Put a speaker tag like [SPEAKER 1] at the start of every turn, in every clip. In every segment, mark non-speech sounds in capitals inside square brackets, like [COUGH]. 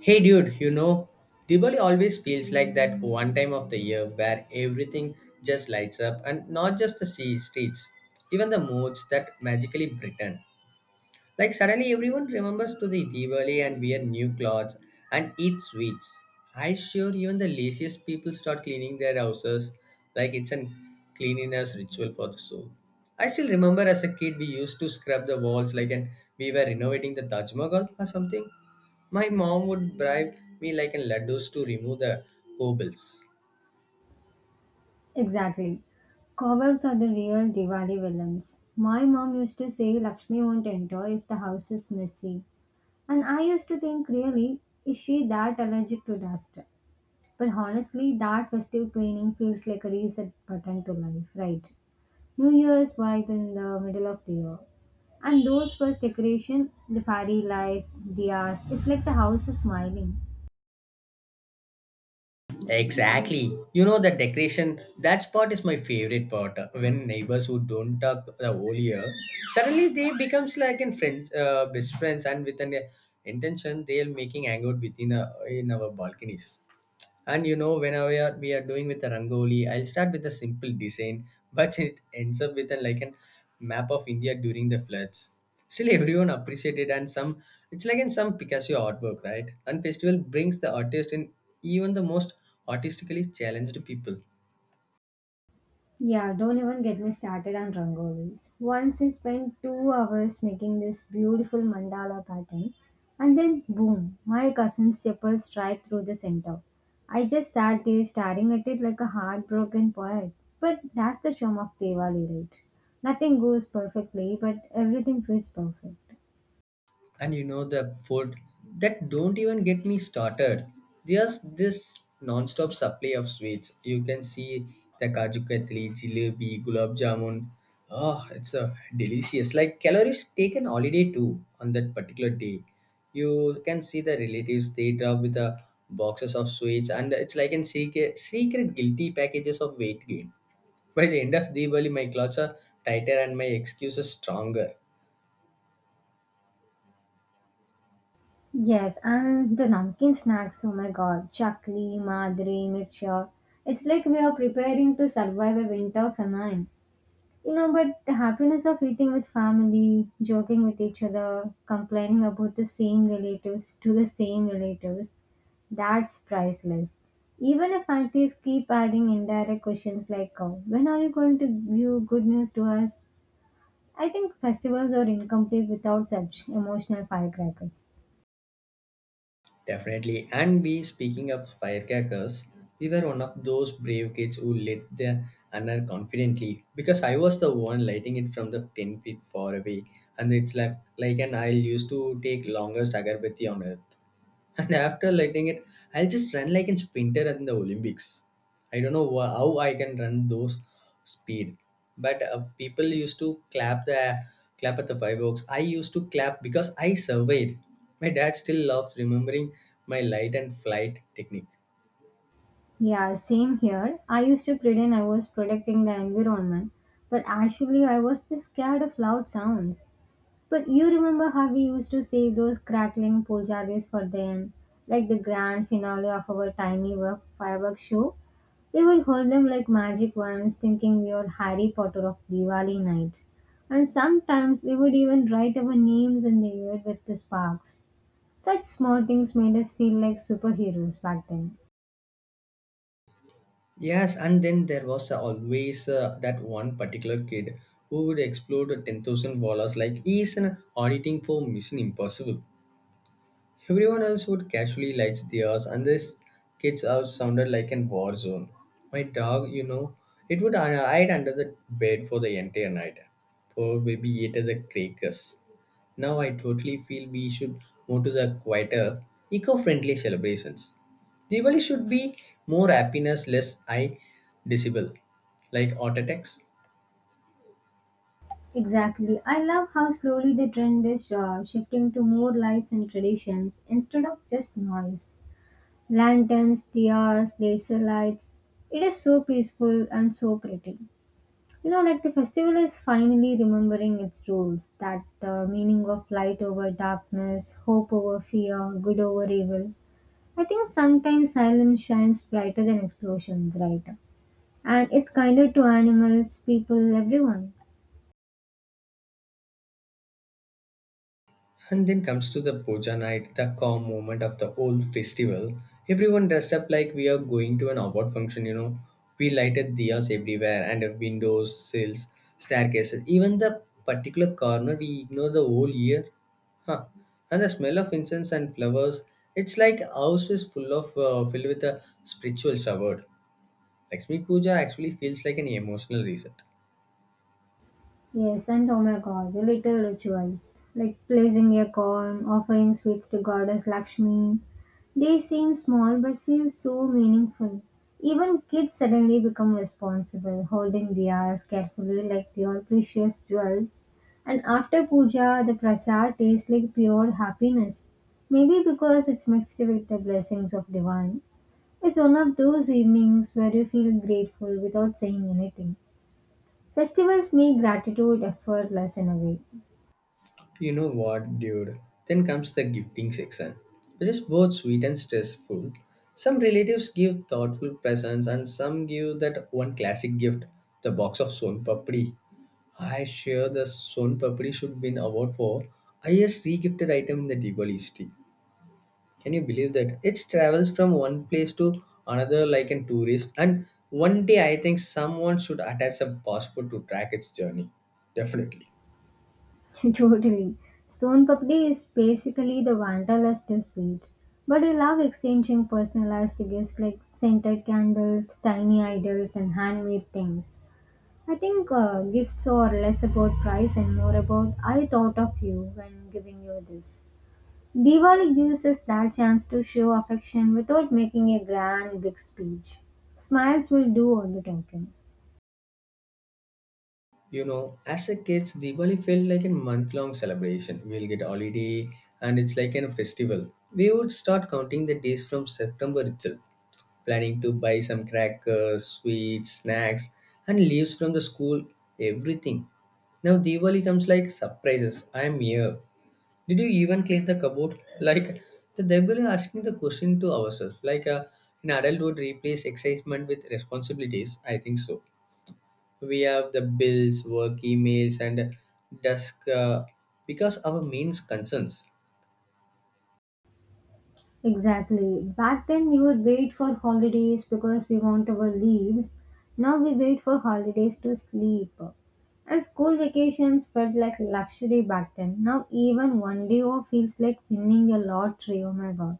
[SPEAKER 1] Hey dude, you know, Diwali always feels like that one time of the year where everything just lights up, and not just the sea streets, even the modes that magically brighten. Like suddenly everyone remembers to the Diwali and wear new clothes and eat sweets. I sure even the laziest people start cleaning their houses like it's an cleanliness ritual for the soul. I still remember as a kid we used to scrub the walls like an we were renovating the Taj Mahal or something. My mom would bribe me like in laddus to remove the cobbles.
[SPEAKER 2] Exactly. Cobwebs are the real Diwali villains. My mom used to say Lakshmi won't enter if the house is messy. And I used to think, really, is she that allergic to dust? But honestly, that festive cleaning feels like a reset button to life, right? New Year's vibe in the middle of the year. And those first decoration, the fairy lights, diyas, it's like the house is smiling.
[SPEAKER 1] Exactly. You know the decoration. That part is my favorite part. When neighbors who don't talk the whole year, suddenly they becomes like in friends, best friends, and with an intention, they are making hangout within in our balconies. And you know, whenever we are doing with a rangoli, I'll start with a simple design, but [LAUGHS] it ends up with a, like a map of India during the floods. Still, [LAUGHS] everyone appreciated, and some it's like in some Picasso artwork, right? And festival brings the artist in even the most artistically challenged people.
[SPEAKER 2] Yeah, don't even get me started on rangolis. Once I spent 2 hours making this beautiful mandala pattern, and then boom, my cousin's chapel strike through the center. I just sat there staring at it like a heartbroken poet. But that's the charm of Diwali, right? Nothing goes perfectly, but everything feels perfect.
[SPEAKER 1] And you know the food, that don't even get me started, there's this non-stop supply of sweets. You can see the kaju katli, jalebi, gulab jamun. Oh, it's a delicious like calories taken holiday too. On that particular day you can see the relatives, they drop with the boxes of sweets, and it's like in secret, secret guilty packages of weight gain. By the end of Diwali my clothes are tighter and my excuses stronger.
[SPEAKER 2] Yes, and the namkeen snacks, oh my god, chakli, madri, mixture. It's like we are preparing to survive a winter famine. But the happiness of eating with family, joking with each other, complaining about the same relatives to the same relatives, that's priceless. Even if aunties keep adding indirect questions like, when are you going to give good news to us? I think festivals are incomplete without such emotional firecrackers.
[SPEAKER 1] Definitely. And we, speaking of firecrackers, we were one of those brave kids who lit the another confidently because I was the one lighting it from the 10 feet far away. And it's like an aisle used to take longest agarbatti on earth. And after letting it, I'll just run like a sprinter in the Olympics. I don't know how I can run those speed. But people used to clap at the fireworks. I used to clap because I surveyed. My dad still loves remembering my light and flight technique.
[SPEAKER 2] Yeah, same here. I used to pretend I was protecting the environment, but actually I was just scared of loud sounds. But you remember how we used to save those crackling puljaris for the, like, the grand finale of our tiny work fireworks show? We would hold them like magic wands, thinking we were Harry Potter of Diwali night. And sometimes we would even write our names in the air with the sparks. Such small things made us feel like superheroes back then.
[SPEAKER 1] Yes, and then there was always that one particular kid who would explode 10,000 like he's an auditing for Mission Impossible. Everyone else would casually light theirs, and this kid's house sounded like an war zone. My dog, you know, it would hide under the bed for the entire night. Poor baby ate the crackers. Now I totally feel we should move to the quieter, eco-friendly celebrations. Diwali should be more happiness, less eye disable, like heart attacks.
[SPEAKER 2] Exactly. I love how slowly the trend is shifting to more lights and traditions instead of just noise. Lanterns, diyas, laser lights. It is so peaceful and so pretty. Like the festival is finally remembering its rules that the meaning of light over darkness, hope over fear, good over evil. I think sometimes silence shines brighter than explosions, right? And it's kinder to animals, people, everyone.
[SPEAKER 1] And then comes to the puja night, the calm moment of the whole festival. Everyone dressed up like we are going to an award function, you know. We lighted diyas everywhere and windows, sills, staircases, even the particular corner we ignore the whole year. Huh. And the smell of incense and flowers, it's like house is full of filled with a spiritual shower. Lakshmi Puja actually feels like an emotional reset.
[SPEAKER 2] Yes, and oh my god, the little rituals like placing a corn, offering sweets to goddess Lakshmi. They seem small but feel so meaningful. Even kids suddenly become responsible, holding diyas carefully like they are precious jewels. And after puja, the prasad tastes like pure happiness. Maybe because it's mixed with the blessings of divine. It's one of those evenings where you feel grateful without saying anything. Festivals make gratitude effortless in a way.
[SPEAKER 1] You know what, dude? Then comes the gifting section, which is both sweet and stressful. Some relatives give thoughtful presents, and some give that one classic gift, the box of Son Papri. I sure the Son Papri should win award for highest regifted item in the Diwali history. Can you believe that? It travels from one place to another like a tourist, and one day I think someone should attach a passport to track its journey. Definitely.
[SPEAKER 2] [LAUGHS] totally. Stone Papdi is basically the Wanderlust to sweet. But I love exchanging personalized gifts like scented candles, tiny idols, and handmade things. I think gifts are less about price and more about I thought of you when giving you this. Diwali gives us that chance to show affection without making a grand big speech. Smiles will do all the talking.
[SPEAKER 1] You know, as a kids, Diwali felt like a month-long celebration. We'll get holiday, and it's like a festival. We would start counting the days from September itself, planning to buy some crackers, sweets, snacks, and leaves from the school. Everything. Now Diwali comes like surprises. I'm here. Did you even clean the cupboard? [LAUGHS] Like the devil is asking the question to ourselves. Like an adult would replace excitement with responsibilities. I think so we have the bills, work emails, and desk because our main concerns.
[SPEAKER 2] Exactly. Back then, we would wait for holidays because we want our leaves. Now we wait for holidays to sleep. And school vacations felt like luxury back then. Now, even one day off feels like winning a lottery. Oh my god.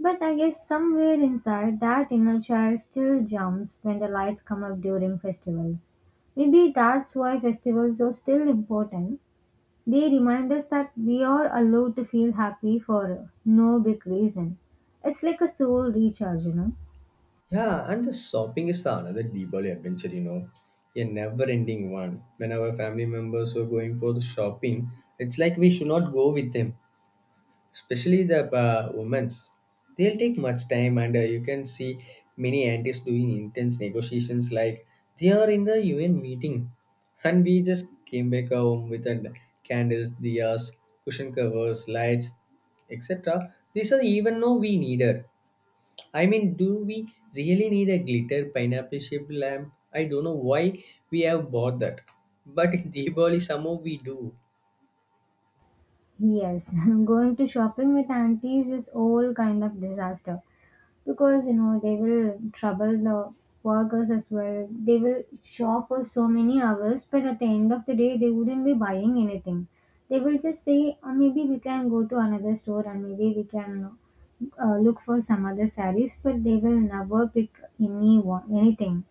[SPEAKER 2] But I guess somewhere inside, that inner child still jumps when the lights come up during festivals. Maybe that's why festivals are still important. They remind us that we are allowed to feel happy for no big reason. It's like a soul recharge.
[SPEAKER 1] Yeah, and the shopping is the another Diwali adventure, you know, a never-ending one. When our family members were going for the shopping, it's like we should not go with them, especially the women's. They'll take much time, and you can see many antis doing intense negotiations like they are in the UN meeting, and we just came back home with candles, diyas, cushion covers, lights, etc. These are even no we need her. I mean, do we really need a glitter pineapple shaped lamp? I don't know why we have bought that, but [LAUGHS] in Diwali somehow we do.
[SPEAKER 2] Yes, [LAUGHS] going to shopping with aunties is all kind of disaster because you know they will trouble the workers as well. They will shop for so many hours, but at the end of the day, they wouldn't be buying anything. They will just say, oh, maybe we can go to another store and maybe we can, look for some other sarees, but they will never pick any one anything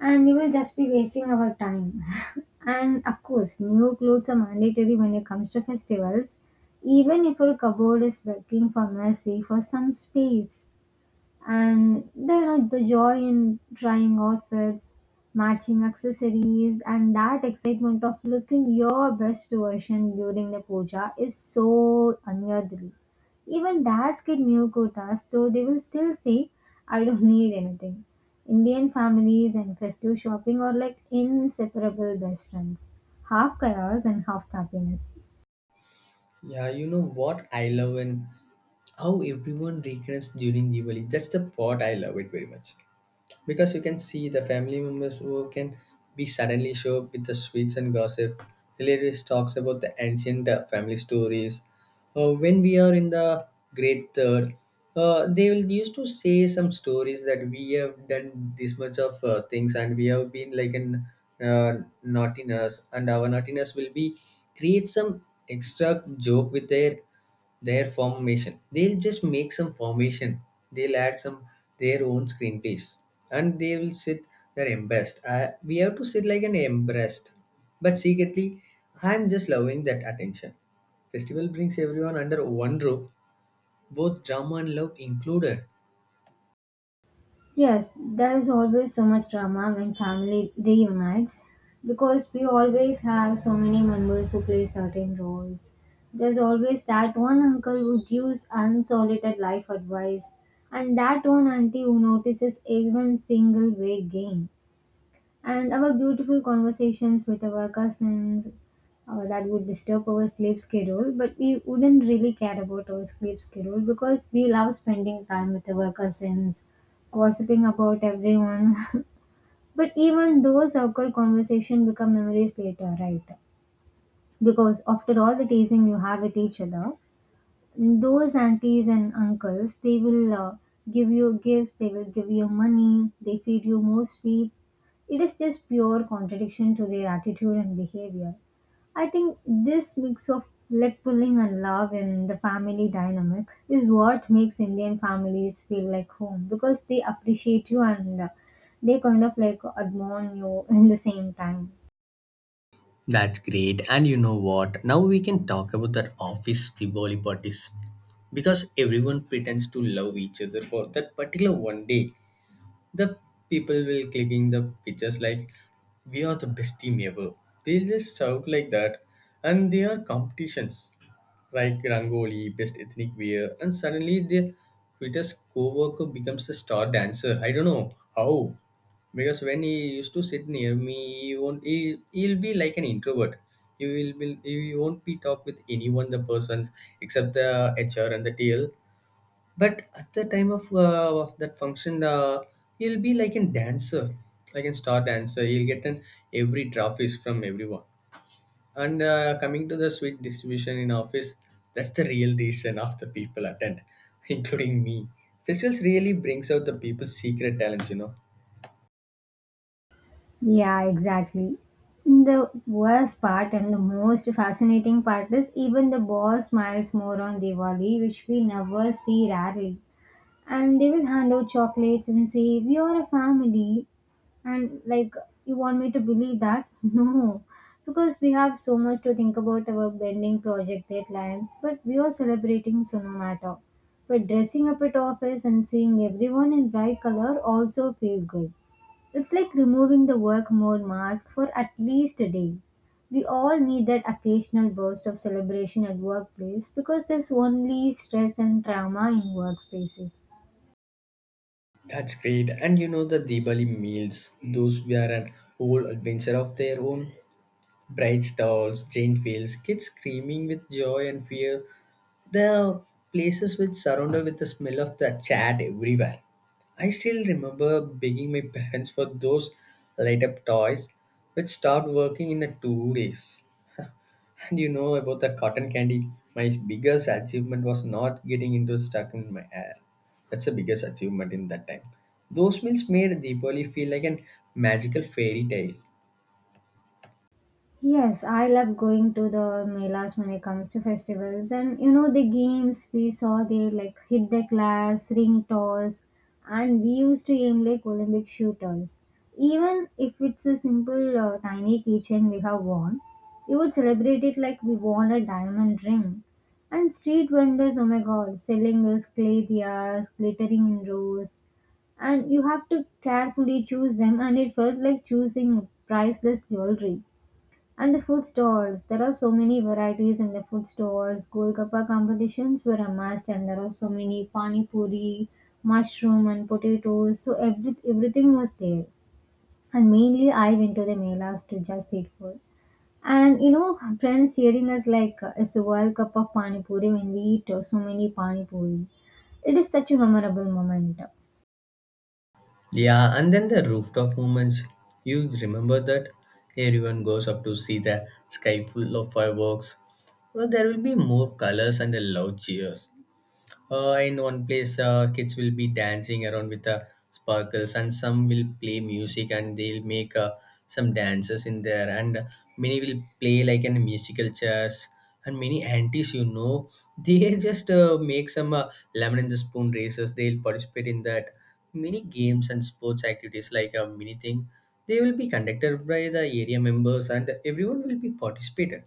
[SPEAKER 2] and we will just be wasting our time. [LAUGHS] And of course, new clothes are mandatory when it comes to festivals, even if our cupboard is begging for mercy for some space. And there are the joy in trying outfits, matching accessories, and that excitement of looking your best version during the puja is so unworthly. Even dads get new kurtas, though they will still say, I don't [LAUGHS] need anything. Indian families and festive shopping are like inseparable best friends, half chaos and half happiness.
[SPEAKER 1] Yeah, you know what I love, and how everyone reconnects during Diwali. That's the part I love it very much, because you can see the family members who can be suddenly show up with the sweets and gossip. Relatives talks about the ancient family stories. When we are in the grade third, they will used to say some stories that we have done this much of things, and we have been like an uh, naughtiness, and our naughtiness will be create some extra joke with their formation. They'll just make some formation. They'll add some their own screenplays, and they will sit there embarrassed. We have to sit like an embarrassed, but secretly, I'm just loving that attention. Festival brings everyone under one roof, both drama and love included.
[SPEAKER 2] Yes, there is always so much drama when family reunites because we always have so many members who play certain roles. There's always that one uncle who gives unsolicited life advice and that one auntie who notices everyone's single weight gain, and our beautiful conversations with our cousins that would disturb our sleep schedule, but we wouldn't really care about our sleep schedule because we love spending time with our cousins, gossiping about everyone. [LAUGHS] But even those awkward conversations become memories later, right? Because after all the teasing you have with each other, those aunties and uncles, they will give you gifts, they will give you money, they feed you more sweets. It is just pure contradiction to their attitude and behavior. I think this mix of leg pulling and love in the family dynamic is what makes Indian families feel like home because they appreciate you and they kind of like admire you in the same time.
[SPEAKER 1] That's great. And you know what? Now we can talk about that office Tivoli parties. Because everyone pretends to love each other for that particular one day. The people will clicking the pictures like we are the best team ever. They just shout like that, and there are competitions like Rangoli, best ethnic wear, and suddenly the Twitter's co-worker becomes a star dancer. I don't know how, because when he used to sit near me, he won't. He'll be like an introvert. He will be. He won't be talk with anyone. The person except the HR and the TL, but at the time of that function he'll be like a dancer, like a star dancer. He'll get an every trophies from everyone, and coming to the sweet distribution in office, that's the real reason of the people attend, [LAUGHS] including me. Festivals really brings out the people's secret talents, you know.
[SPEAKER 2] Yeah, exactly. The worst part and the most fascinating part is even the boss smiles more on Diwali, which we never see rarely. And they will hand out chocolates and say, we are a family. And like, you want me to believe that? [LAUGHS] No. Because we have so much to think about our bending project deadlines, but we are celebrating, so no matter. But dressing up at office and seeing everyone in bright color also feel good. It's like removing the work mode mask for at least a day. We all need that occasional burst of celebration at workplace because there's only stress and trauma in workspaces.
[SPEAKER 1] That's great. And you know the Diwali meals, those were an whole adventure of their own. Bright stalls, giant wheels, kids screaming with joy and fear. The places which surrounded with the smell of the chat everywhere. I still remember begging my parents for those light up toys which stopped working in a 2 days. [LAUGHS] And you know about the cotton candy. My biggest achievement was not getting into stuck in my hair. That's the biggest achievement in that time. Those meals made Deepali feel like an magical fairy tale.
[SPEAKER 2] Yes, I love going to the melas when it comes to festivals, and you know the games we saw there like hit the class, ring toss, and we used to aim like Olympic shooters. Even if it's a simple tiny keychain we have won, we would celebrate it like we won a diamond ring. And street vendors, oh my god, selling those clay diyas, glittering in rows, and you have to carefully choose them, and it felt like choosing priceless jewelry. And the food stalls, there are so many varieties in the food stores. Golgappa competitions were a must, and there are so many pani puri, mushroom, and potatoes. So everything was there. And mainly, I went to the melas to just eat food. And friends cheering us like it's a world cup of pani puri when we eat so many pani puri. It is such a memorable moment.
[SPEAKER 1] Yeah, and then the rooftop moments. You remember that? Everyone goes up to see the sky full of fireworks. Well, there will be more colors and a loud cheers. In one place, kids will be dancing around with the sparkles, and some will play music, and they'll make some dances in there. And many will play like in musical chairs. And many aunties, you know, they [LAUGHS] just make some lemon in the spoon races. They'll participate in that many games and sports activities like a mini thing. They will be conducted by the area members, and everyone will be participated.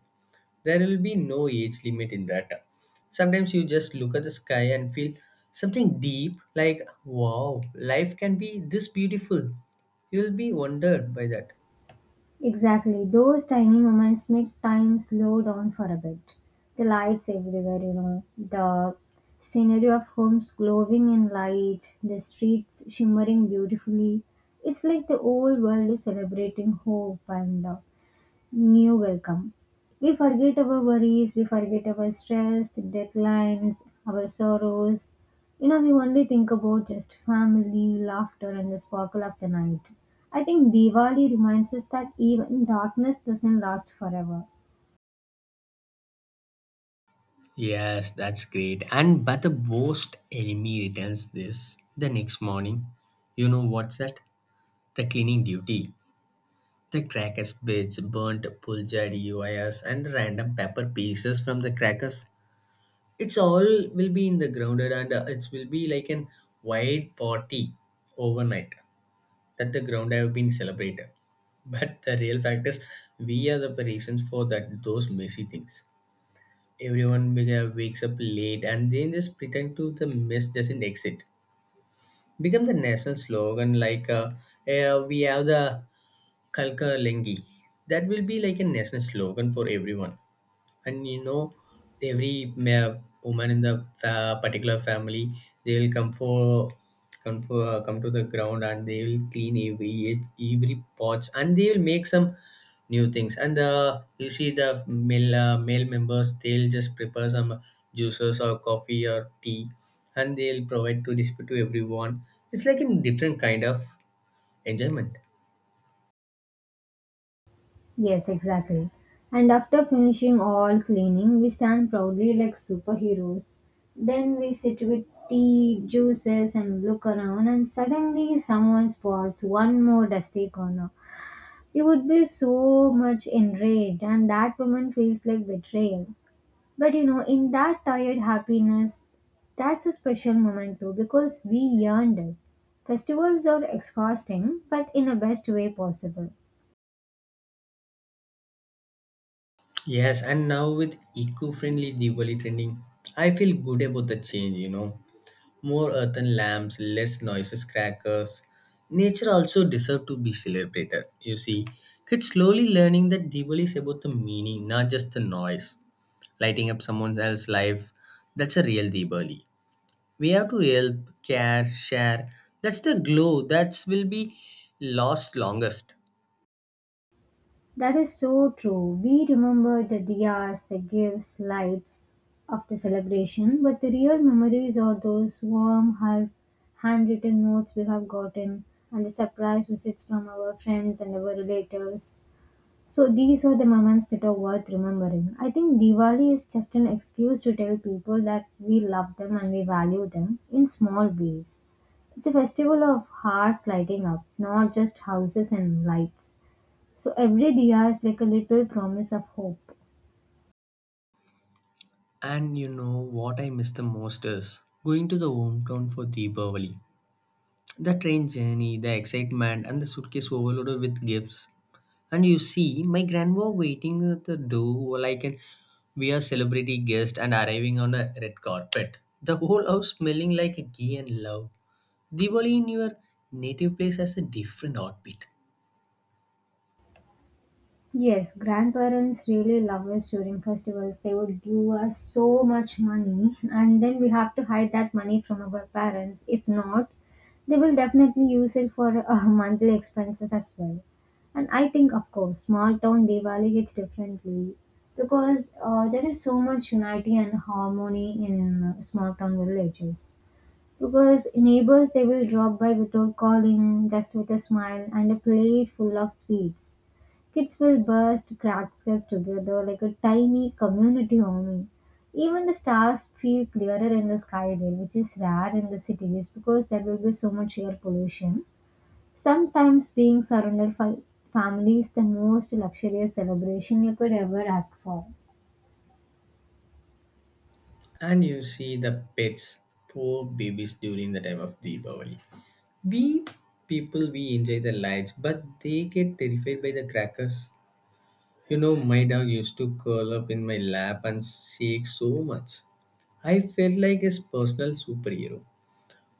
[SPEAKER 1] There will be no age limit in that. Sometimes you just look at the sky and feel something deep, like, wow, life can be this beautiful. You will be wondered by that.
[SPEAKER 2] Exactly. Those tiny moments make time slow down for a bit. The lights everywhere, the scenery of homes glowing in light, the streets shimmering beautifully. It's like the whole world is celebrating hope and new welcome. We forget our worries, we forget our stress, deadlines, our sorrows. We only think about just family, laughter, and the sparkle of the night. I think Diwali reminds us that even darkness doesn't last forever.
[SPEAKER 1] Yes, that's great. And but the worst enemy returns this the next morning. You know what's that? The cleaning duty. The crackers bits, burnt pulchard wires, and random pepper pieces from the crackers. It's all will be in the grounded and it will be like an wide party overnight that the ground have been celebrated. [LAUGHS] But the real fact is we are the reasons for that those messy things. Everyone wakes up late and then just pretend to the mess doesn't exist. Become the national slogan like we have the kalka lengi that will be like a national slogan for everyone. And you know every woman in the particular family, they will come for come to the ground and they will clean every pots and they will make some new things. And you see the male male members, they'll just prepare some juices or coffee or tea and they'll provide to distribute to everyone. It's like a different kind of enjoyment.
[SPEAKER 2] Yes, exactly. And after finishing all cleaning, we stand proudly like superheroes. Then we sit with tea, juices, and look around, and suddenly someone spots one more dusty corner. You would be so much enraged, and that woman feels like betrayal. But in that tired happiness, that's a special moment too because we earned it. Festivals are exhausting, but in the best way possible.
[SPEAKER 1] Yes, and now with eco-friendly Diwali trending, I feel good about the change, you know. More earthen lamps, less noises crackers. Nature also deserves to be celebrated. You see, kids slowly learning that Diwali is about the meaning, not just the noise. Lighting up someone else's life, that's a real Diwali. We have to help, care, share. That's the glow that will be lost longest.
[SPEAKER 2] That is so true. We remember the diyas, the gifts, lights of the celebration, but the real memories are those warm hugs, handwritten notes we have gotten, and the surprise visits from our friends and our relatives. So these are the moments that are worth remembering. I think Diwali is just an excuse to tell people that we love them and we value them in small ways. It's a festival of hearts lighting up, not just houses and lights. So every diya is like a little promise of hope.
[SPEAKER 1] And you know what I miss the most is going to the hometown for Deepavali. The train journey, the excitement, and the suitcase overloaded with gifts. And you see, my grandma waiting at the door like an we are celebrity guest and arriving on a red carpet. The whole house smelling like ghee and love. Diwali in your native place has a different heartbeat.
[SPEAKER 2] Yes, grandparents really love us during festivals. They would give us so much money, and then we have to hide that money from our parents. If not, they will definitely use it for [LAUGHS] monthly expenses as well. And I think, of course, small town Diwali hits differently because there is so much unity and harmony in small town villages. Because neighbors they will drop by without calling, just with a smile and a plate full of sweets. Kids will burst crackers together like a tiny community army. Even the stars feel clearer in the sky there, which is rare in the cities because there will be so much air pollution. Sometimes being surrounded by family is the most luxurious celebration you could ever ask for.
[SPEAKER 1] And you see the pets, poor babies during the time of Diwali. We people we enjoy the lights, but they get terrified by the crackers. You know, my dog used to curl up in my lap and shake so much. I felt like his personal superhero.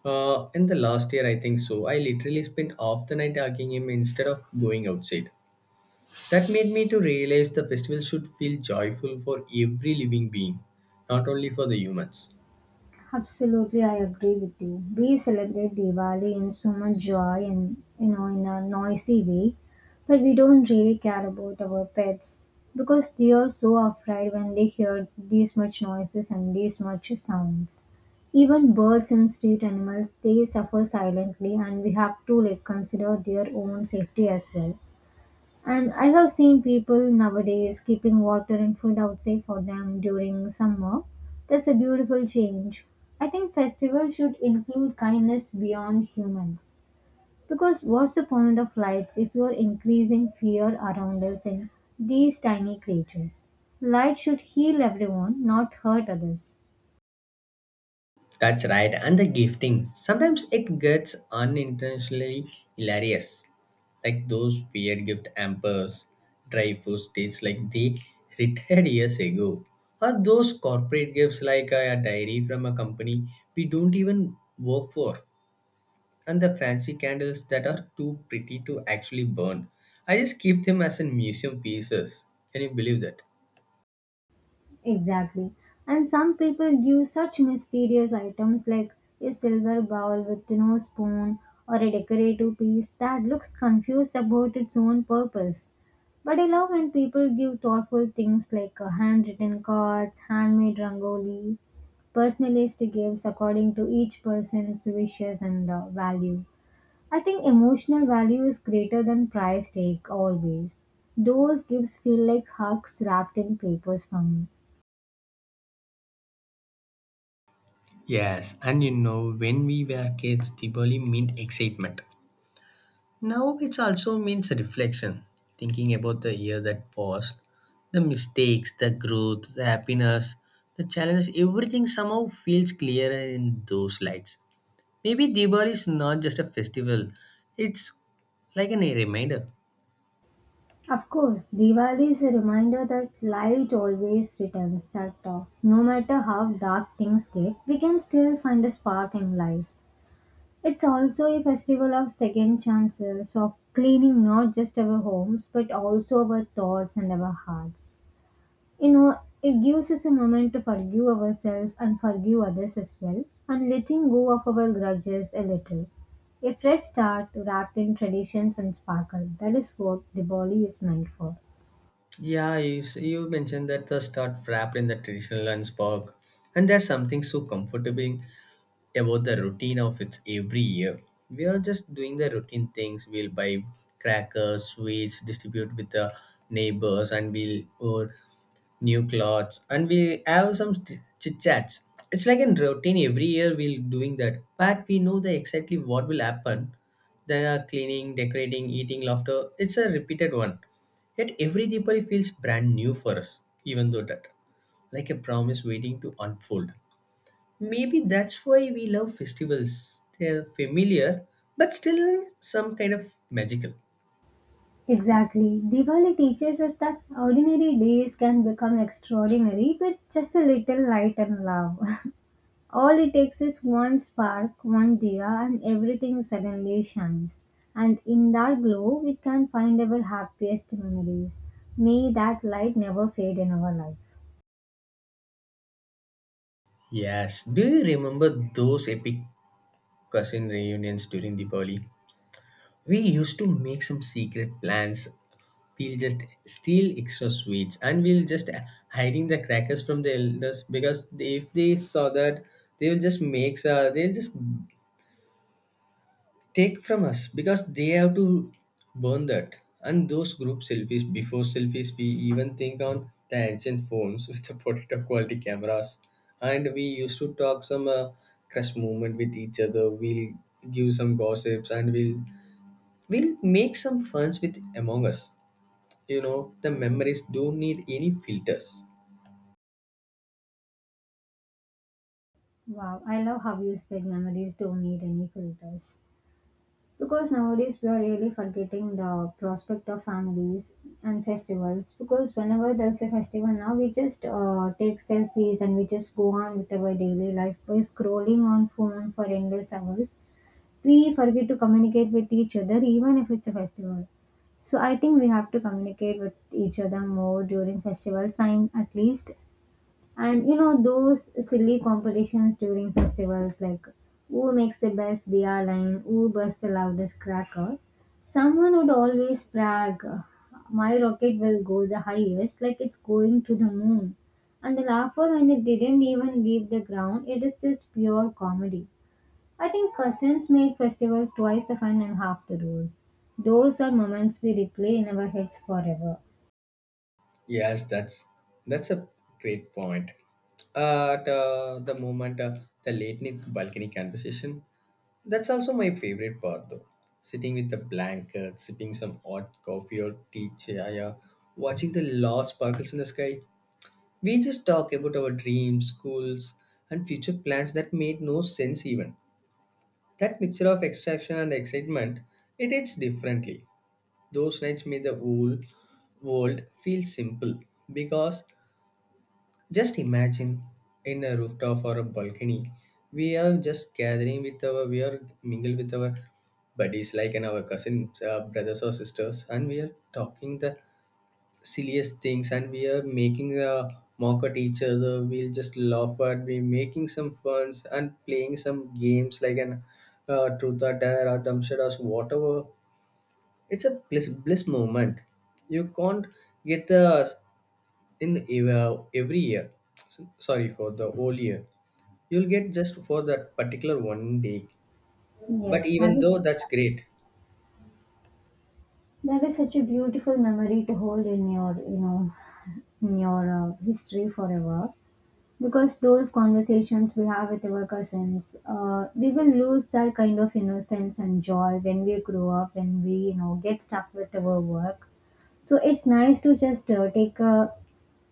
[SPEAKER 1] In the last year, I think so. I literally spent half the night hugging him instead of going outside. That made me to realize the festival should feel joyful for every living being, not only for the humans.
[SPEAKER 2] Absolutely, I agree with you. We celebrate Diwali in so much joy and, you know, in a noisy way, but we don't really care about our pets because they are so afraid when they hear these much noises and these much sounds. Even birds and street animals they suffer silently, and we have to like consider their own safety as well. And I have seen people nowadays keeping water and food outside for them during summer. That's a beautiful change. I think festivals should include kindness beyond humans. Because what's the point of lights if you're increasing fear around us and these tiny creatures? Light should heal everyone, not hurt others.
[SPEAKER 1] That's right. And the gifting. Sometimes it gets unintentionally hilarious. Like those weird gift hampers, dry food states like they retired years ago. Or those corporate gifts like a diary from a company we don't even work for. And the fancy candles that are too pretty to actually burn. I just keep them as in museum pieces. Can you believe that?
[SPEAKER 2] Exactly. And some people give such mysterious items like a silver bowl with no spoon or a decorative piece that looks confused about its own purpose. But I love when people give thoughtful things like handwritten cards, handmade rangoli, personalized gifts according to each person's wishes and value. I think emotional value is greater than price tag always. Those gifts feel like hugs wrapped in papers for me.
[SPEAKER 1] Yes, and you know, when we were kids, Diwali meant excitement. Now it also means reflection, thinking about the year that passed, the mistakes, the growth, the happiness, the challenges, everything somehow feels clearer in those lights. Maybe Diwali is not just a festival, it's like a reminder.
[SPEAKER 2] Of course, Diwali is a reminder that light always returns, that no matter how dark things get, we can still find a spark in life. It's also a festival of second chances, of cleaning not just our homes but also our thoughts and our hearts. You know, it gives us a moment to forgive ourselves and forgive others as well, and letting go of our grudges a little. A fresh start wrapped in traditions and sparkle. That is what Diwali is meant for.
[SPEAKER 1] Yeah, you, you mentioned that the stuff wrapped in the traditional lunch bag, and there's something so comforting about the routine of its every year. We are just doing the routine things. We'll buy crackers, sweets, distribute with the neighbors, and we'll or new clothes, and we have some chit chats. It's like a routine every year. We'll doing that, but we know the exactly what will happen. They are cleaning, decorating, eating, laughter. It's a repeated one. Yet every Deepavali feels brand new for us, even though that like a promise waiting to unfold. Maybe that's why we love festivals. They're familiar, but still some kind of magical.
[SPEAKER 2] Exactly. Diwali teaches us that ordinary days can become extraordinary with just a little light and love. [LAUGHS] All it takes is one spark, one diya, and everything suddenly shines. And in that glow, we can find our happiest memories. May that light never fade in our life.
[SPEAKER 1] Yes, do you remember those epic cousin reunions during Diwali? We used to make some secret plans. We'll just steal extra sweets and we'll just hiding the crackers from the elders because they, if they saw that, they will just make they'll just take from us because they have to burn that, and those group selfies before selfies we even think on the ancient phones [LAUGHS] with the potato quality cameras. And we used to talk some crush moment with each other. We'll give some gossips, and we'll make some funs with among us. You know the memories don't need any filters.
[SPEAKER 2] Wow, I love how you said memories don't need any filters. Because nowadays we are really forgetting the prospect of families and festivals. Because whenever there's a festival now, we just take selfies and we just go on with our daily life by scrolling on phone for endless hours. We forget to communicate with each other, even if it's a festival. So I think we have to communicate with each other more during festivals, and at least and you know those silly competitions during festivals like who makes the best diya line, who bursts the loudest cracker. Someone would always brag, my rocket will go the highest like it's going to the moon. And the laughter when it didn't even leave the ground, it is just pure comedy. I think cousins make festivals twice the fun and half the rules. Those are moments we replay in our heads forever.
[SPEAKER 1] Yes, that's a great point. At the moment, the late night balcony conversation. That's also my favorite part though. Sitting with a blanket, sipping some hot coffee or tea chaya, watching the lost sparkles in the sky. We just talk about our dreams, goals, and future plans that made no sense even. That mixture of extraction and excitement, it hits differently. Those nights made the whole world feel simple, because just imagine in a rooftop or a balcony, we are just gathering with our, we are mingle with our buddies, like and our cousins, brothers or sisters, and we are talking the silliest things, and we are making a mock at each other. We'll just laugh at, we making some funs and playing some games like an truth or dare or dumb shit or whatever. It's a bliss moment. You can't get the in every year s- sorry for the whole year, you'll get just for that particular one day. But
[SPEAKER 2] Yes, that
[SPEAKER 1] even
[SPEAKER 2] is.
[SPEAKER 1] though that's great.
[SPEAKER 2] That is such a beautiful memory to hold in your, you know, in your history forever. Because those conversations we have with our cousins, we will lose that kind of innocence and joy when we grow up, when we, you know, get stuck with our work. So it's nice to just take a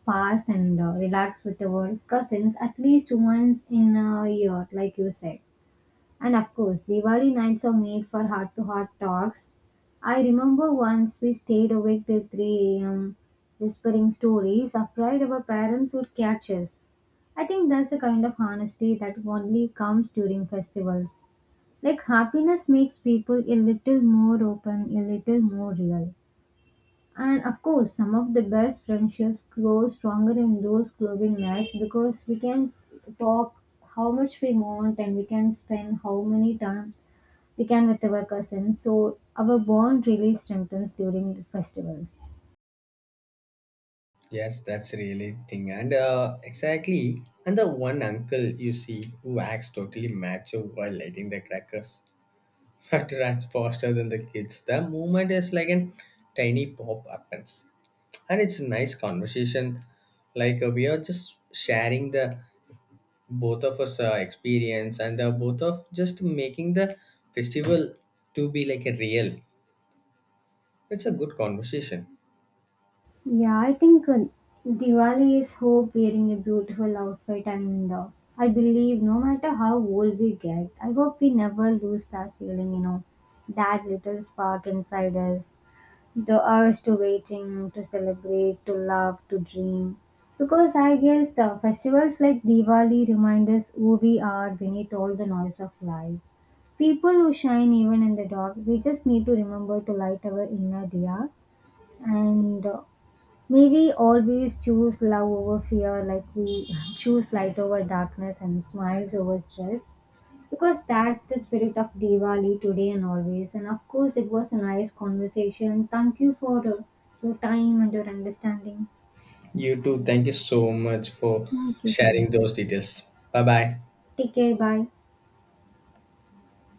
[SPEAKER 2] pass and relax with our cousins at least once in a year, like you said. And of course, Diwali nights are made for heart to heart talks. I remember once we stayed awake till 3 a.m., whispering stories, afraid our parents would catch us. I think that's the kind of honesty that only comes during festivals. Like happiness makes people a little more open, a little more real. And of course, some of the best friendships grow stronger in those clubbing nights because talk how much we want and we can spend how many time we can with our cousins. So our bond really strengthens during the festivals.
[SPEAKER 1] Yes, that's really thing. And exactly. And the one uncle you see who acts totally macho while lighting the crackers, [LAUGHS] but runs faster than the kids. The movement is like an tiny pop happens. And it's a nice conversation. Like we are just sharing the both of us experience, and both of just making the festival to be like a real, it's a good conversation.
[SPEAKER 2] Yeah, I think Diwali is hope wearing a beautiful outfit, and I believe no matter how old we get, I hope we never lose that feeling, you know, that little spark inside us, the urge to waiting, to celebrate, to love, to dream. Because I guess festivals like Diwali remind us who we are beneath all the noise of life. People who shine even in the dark, we just need to remember to light our inner diya and may we always choose love over fear, like we [LAUGHS] choose light over darkness and smiles over stress, because that's the spirit of Diwali today and always. And of course, it was a nice conversation. Thank you for your time and your understanding.
[SPEAKER 1] You too, thank you so much for
[SPEAKER 2] Thank you so much.
[SPEAKER 1] sharing those details. Bye bye.
[SPEAKER 2] Take care. Bye.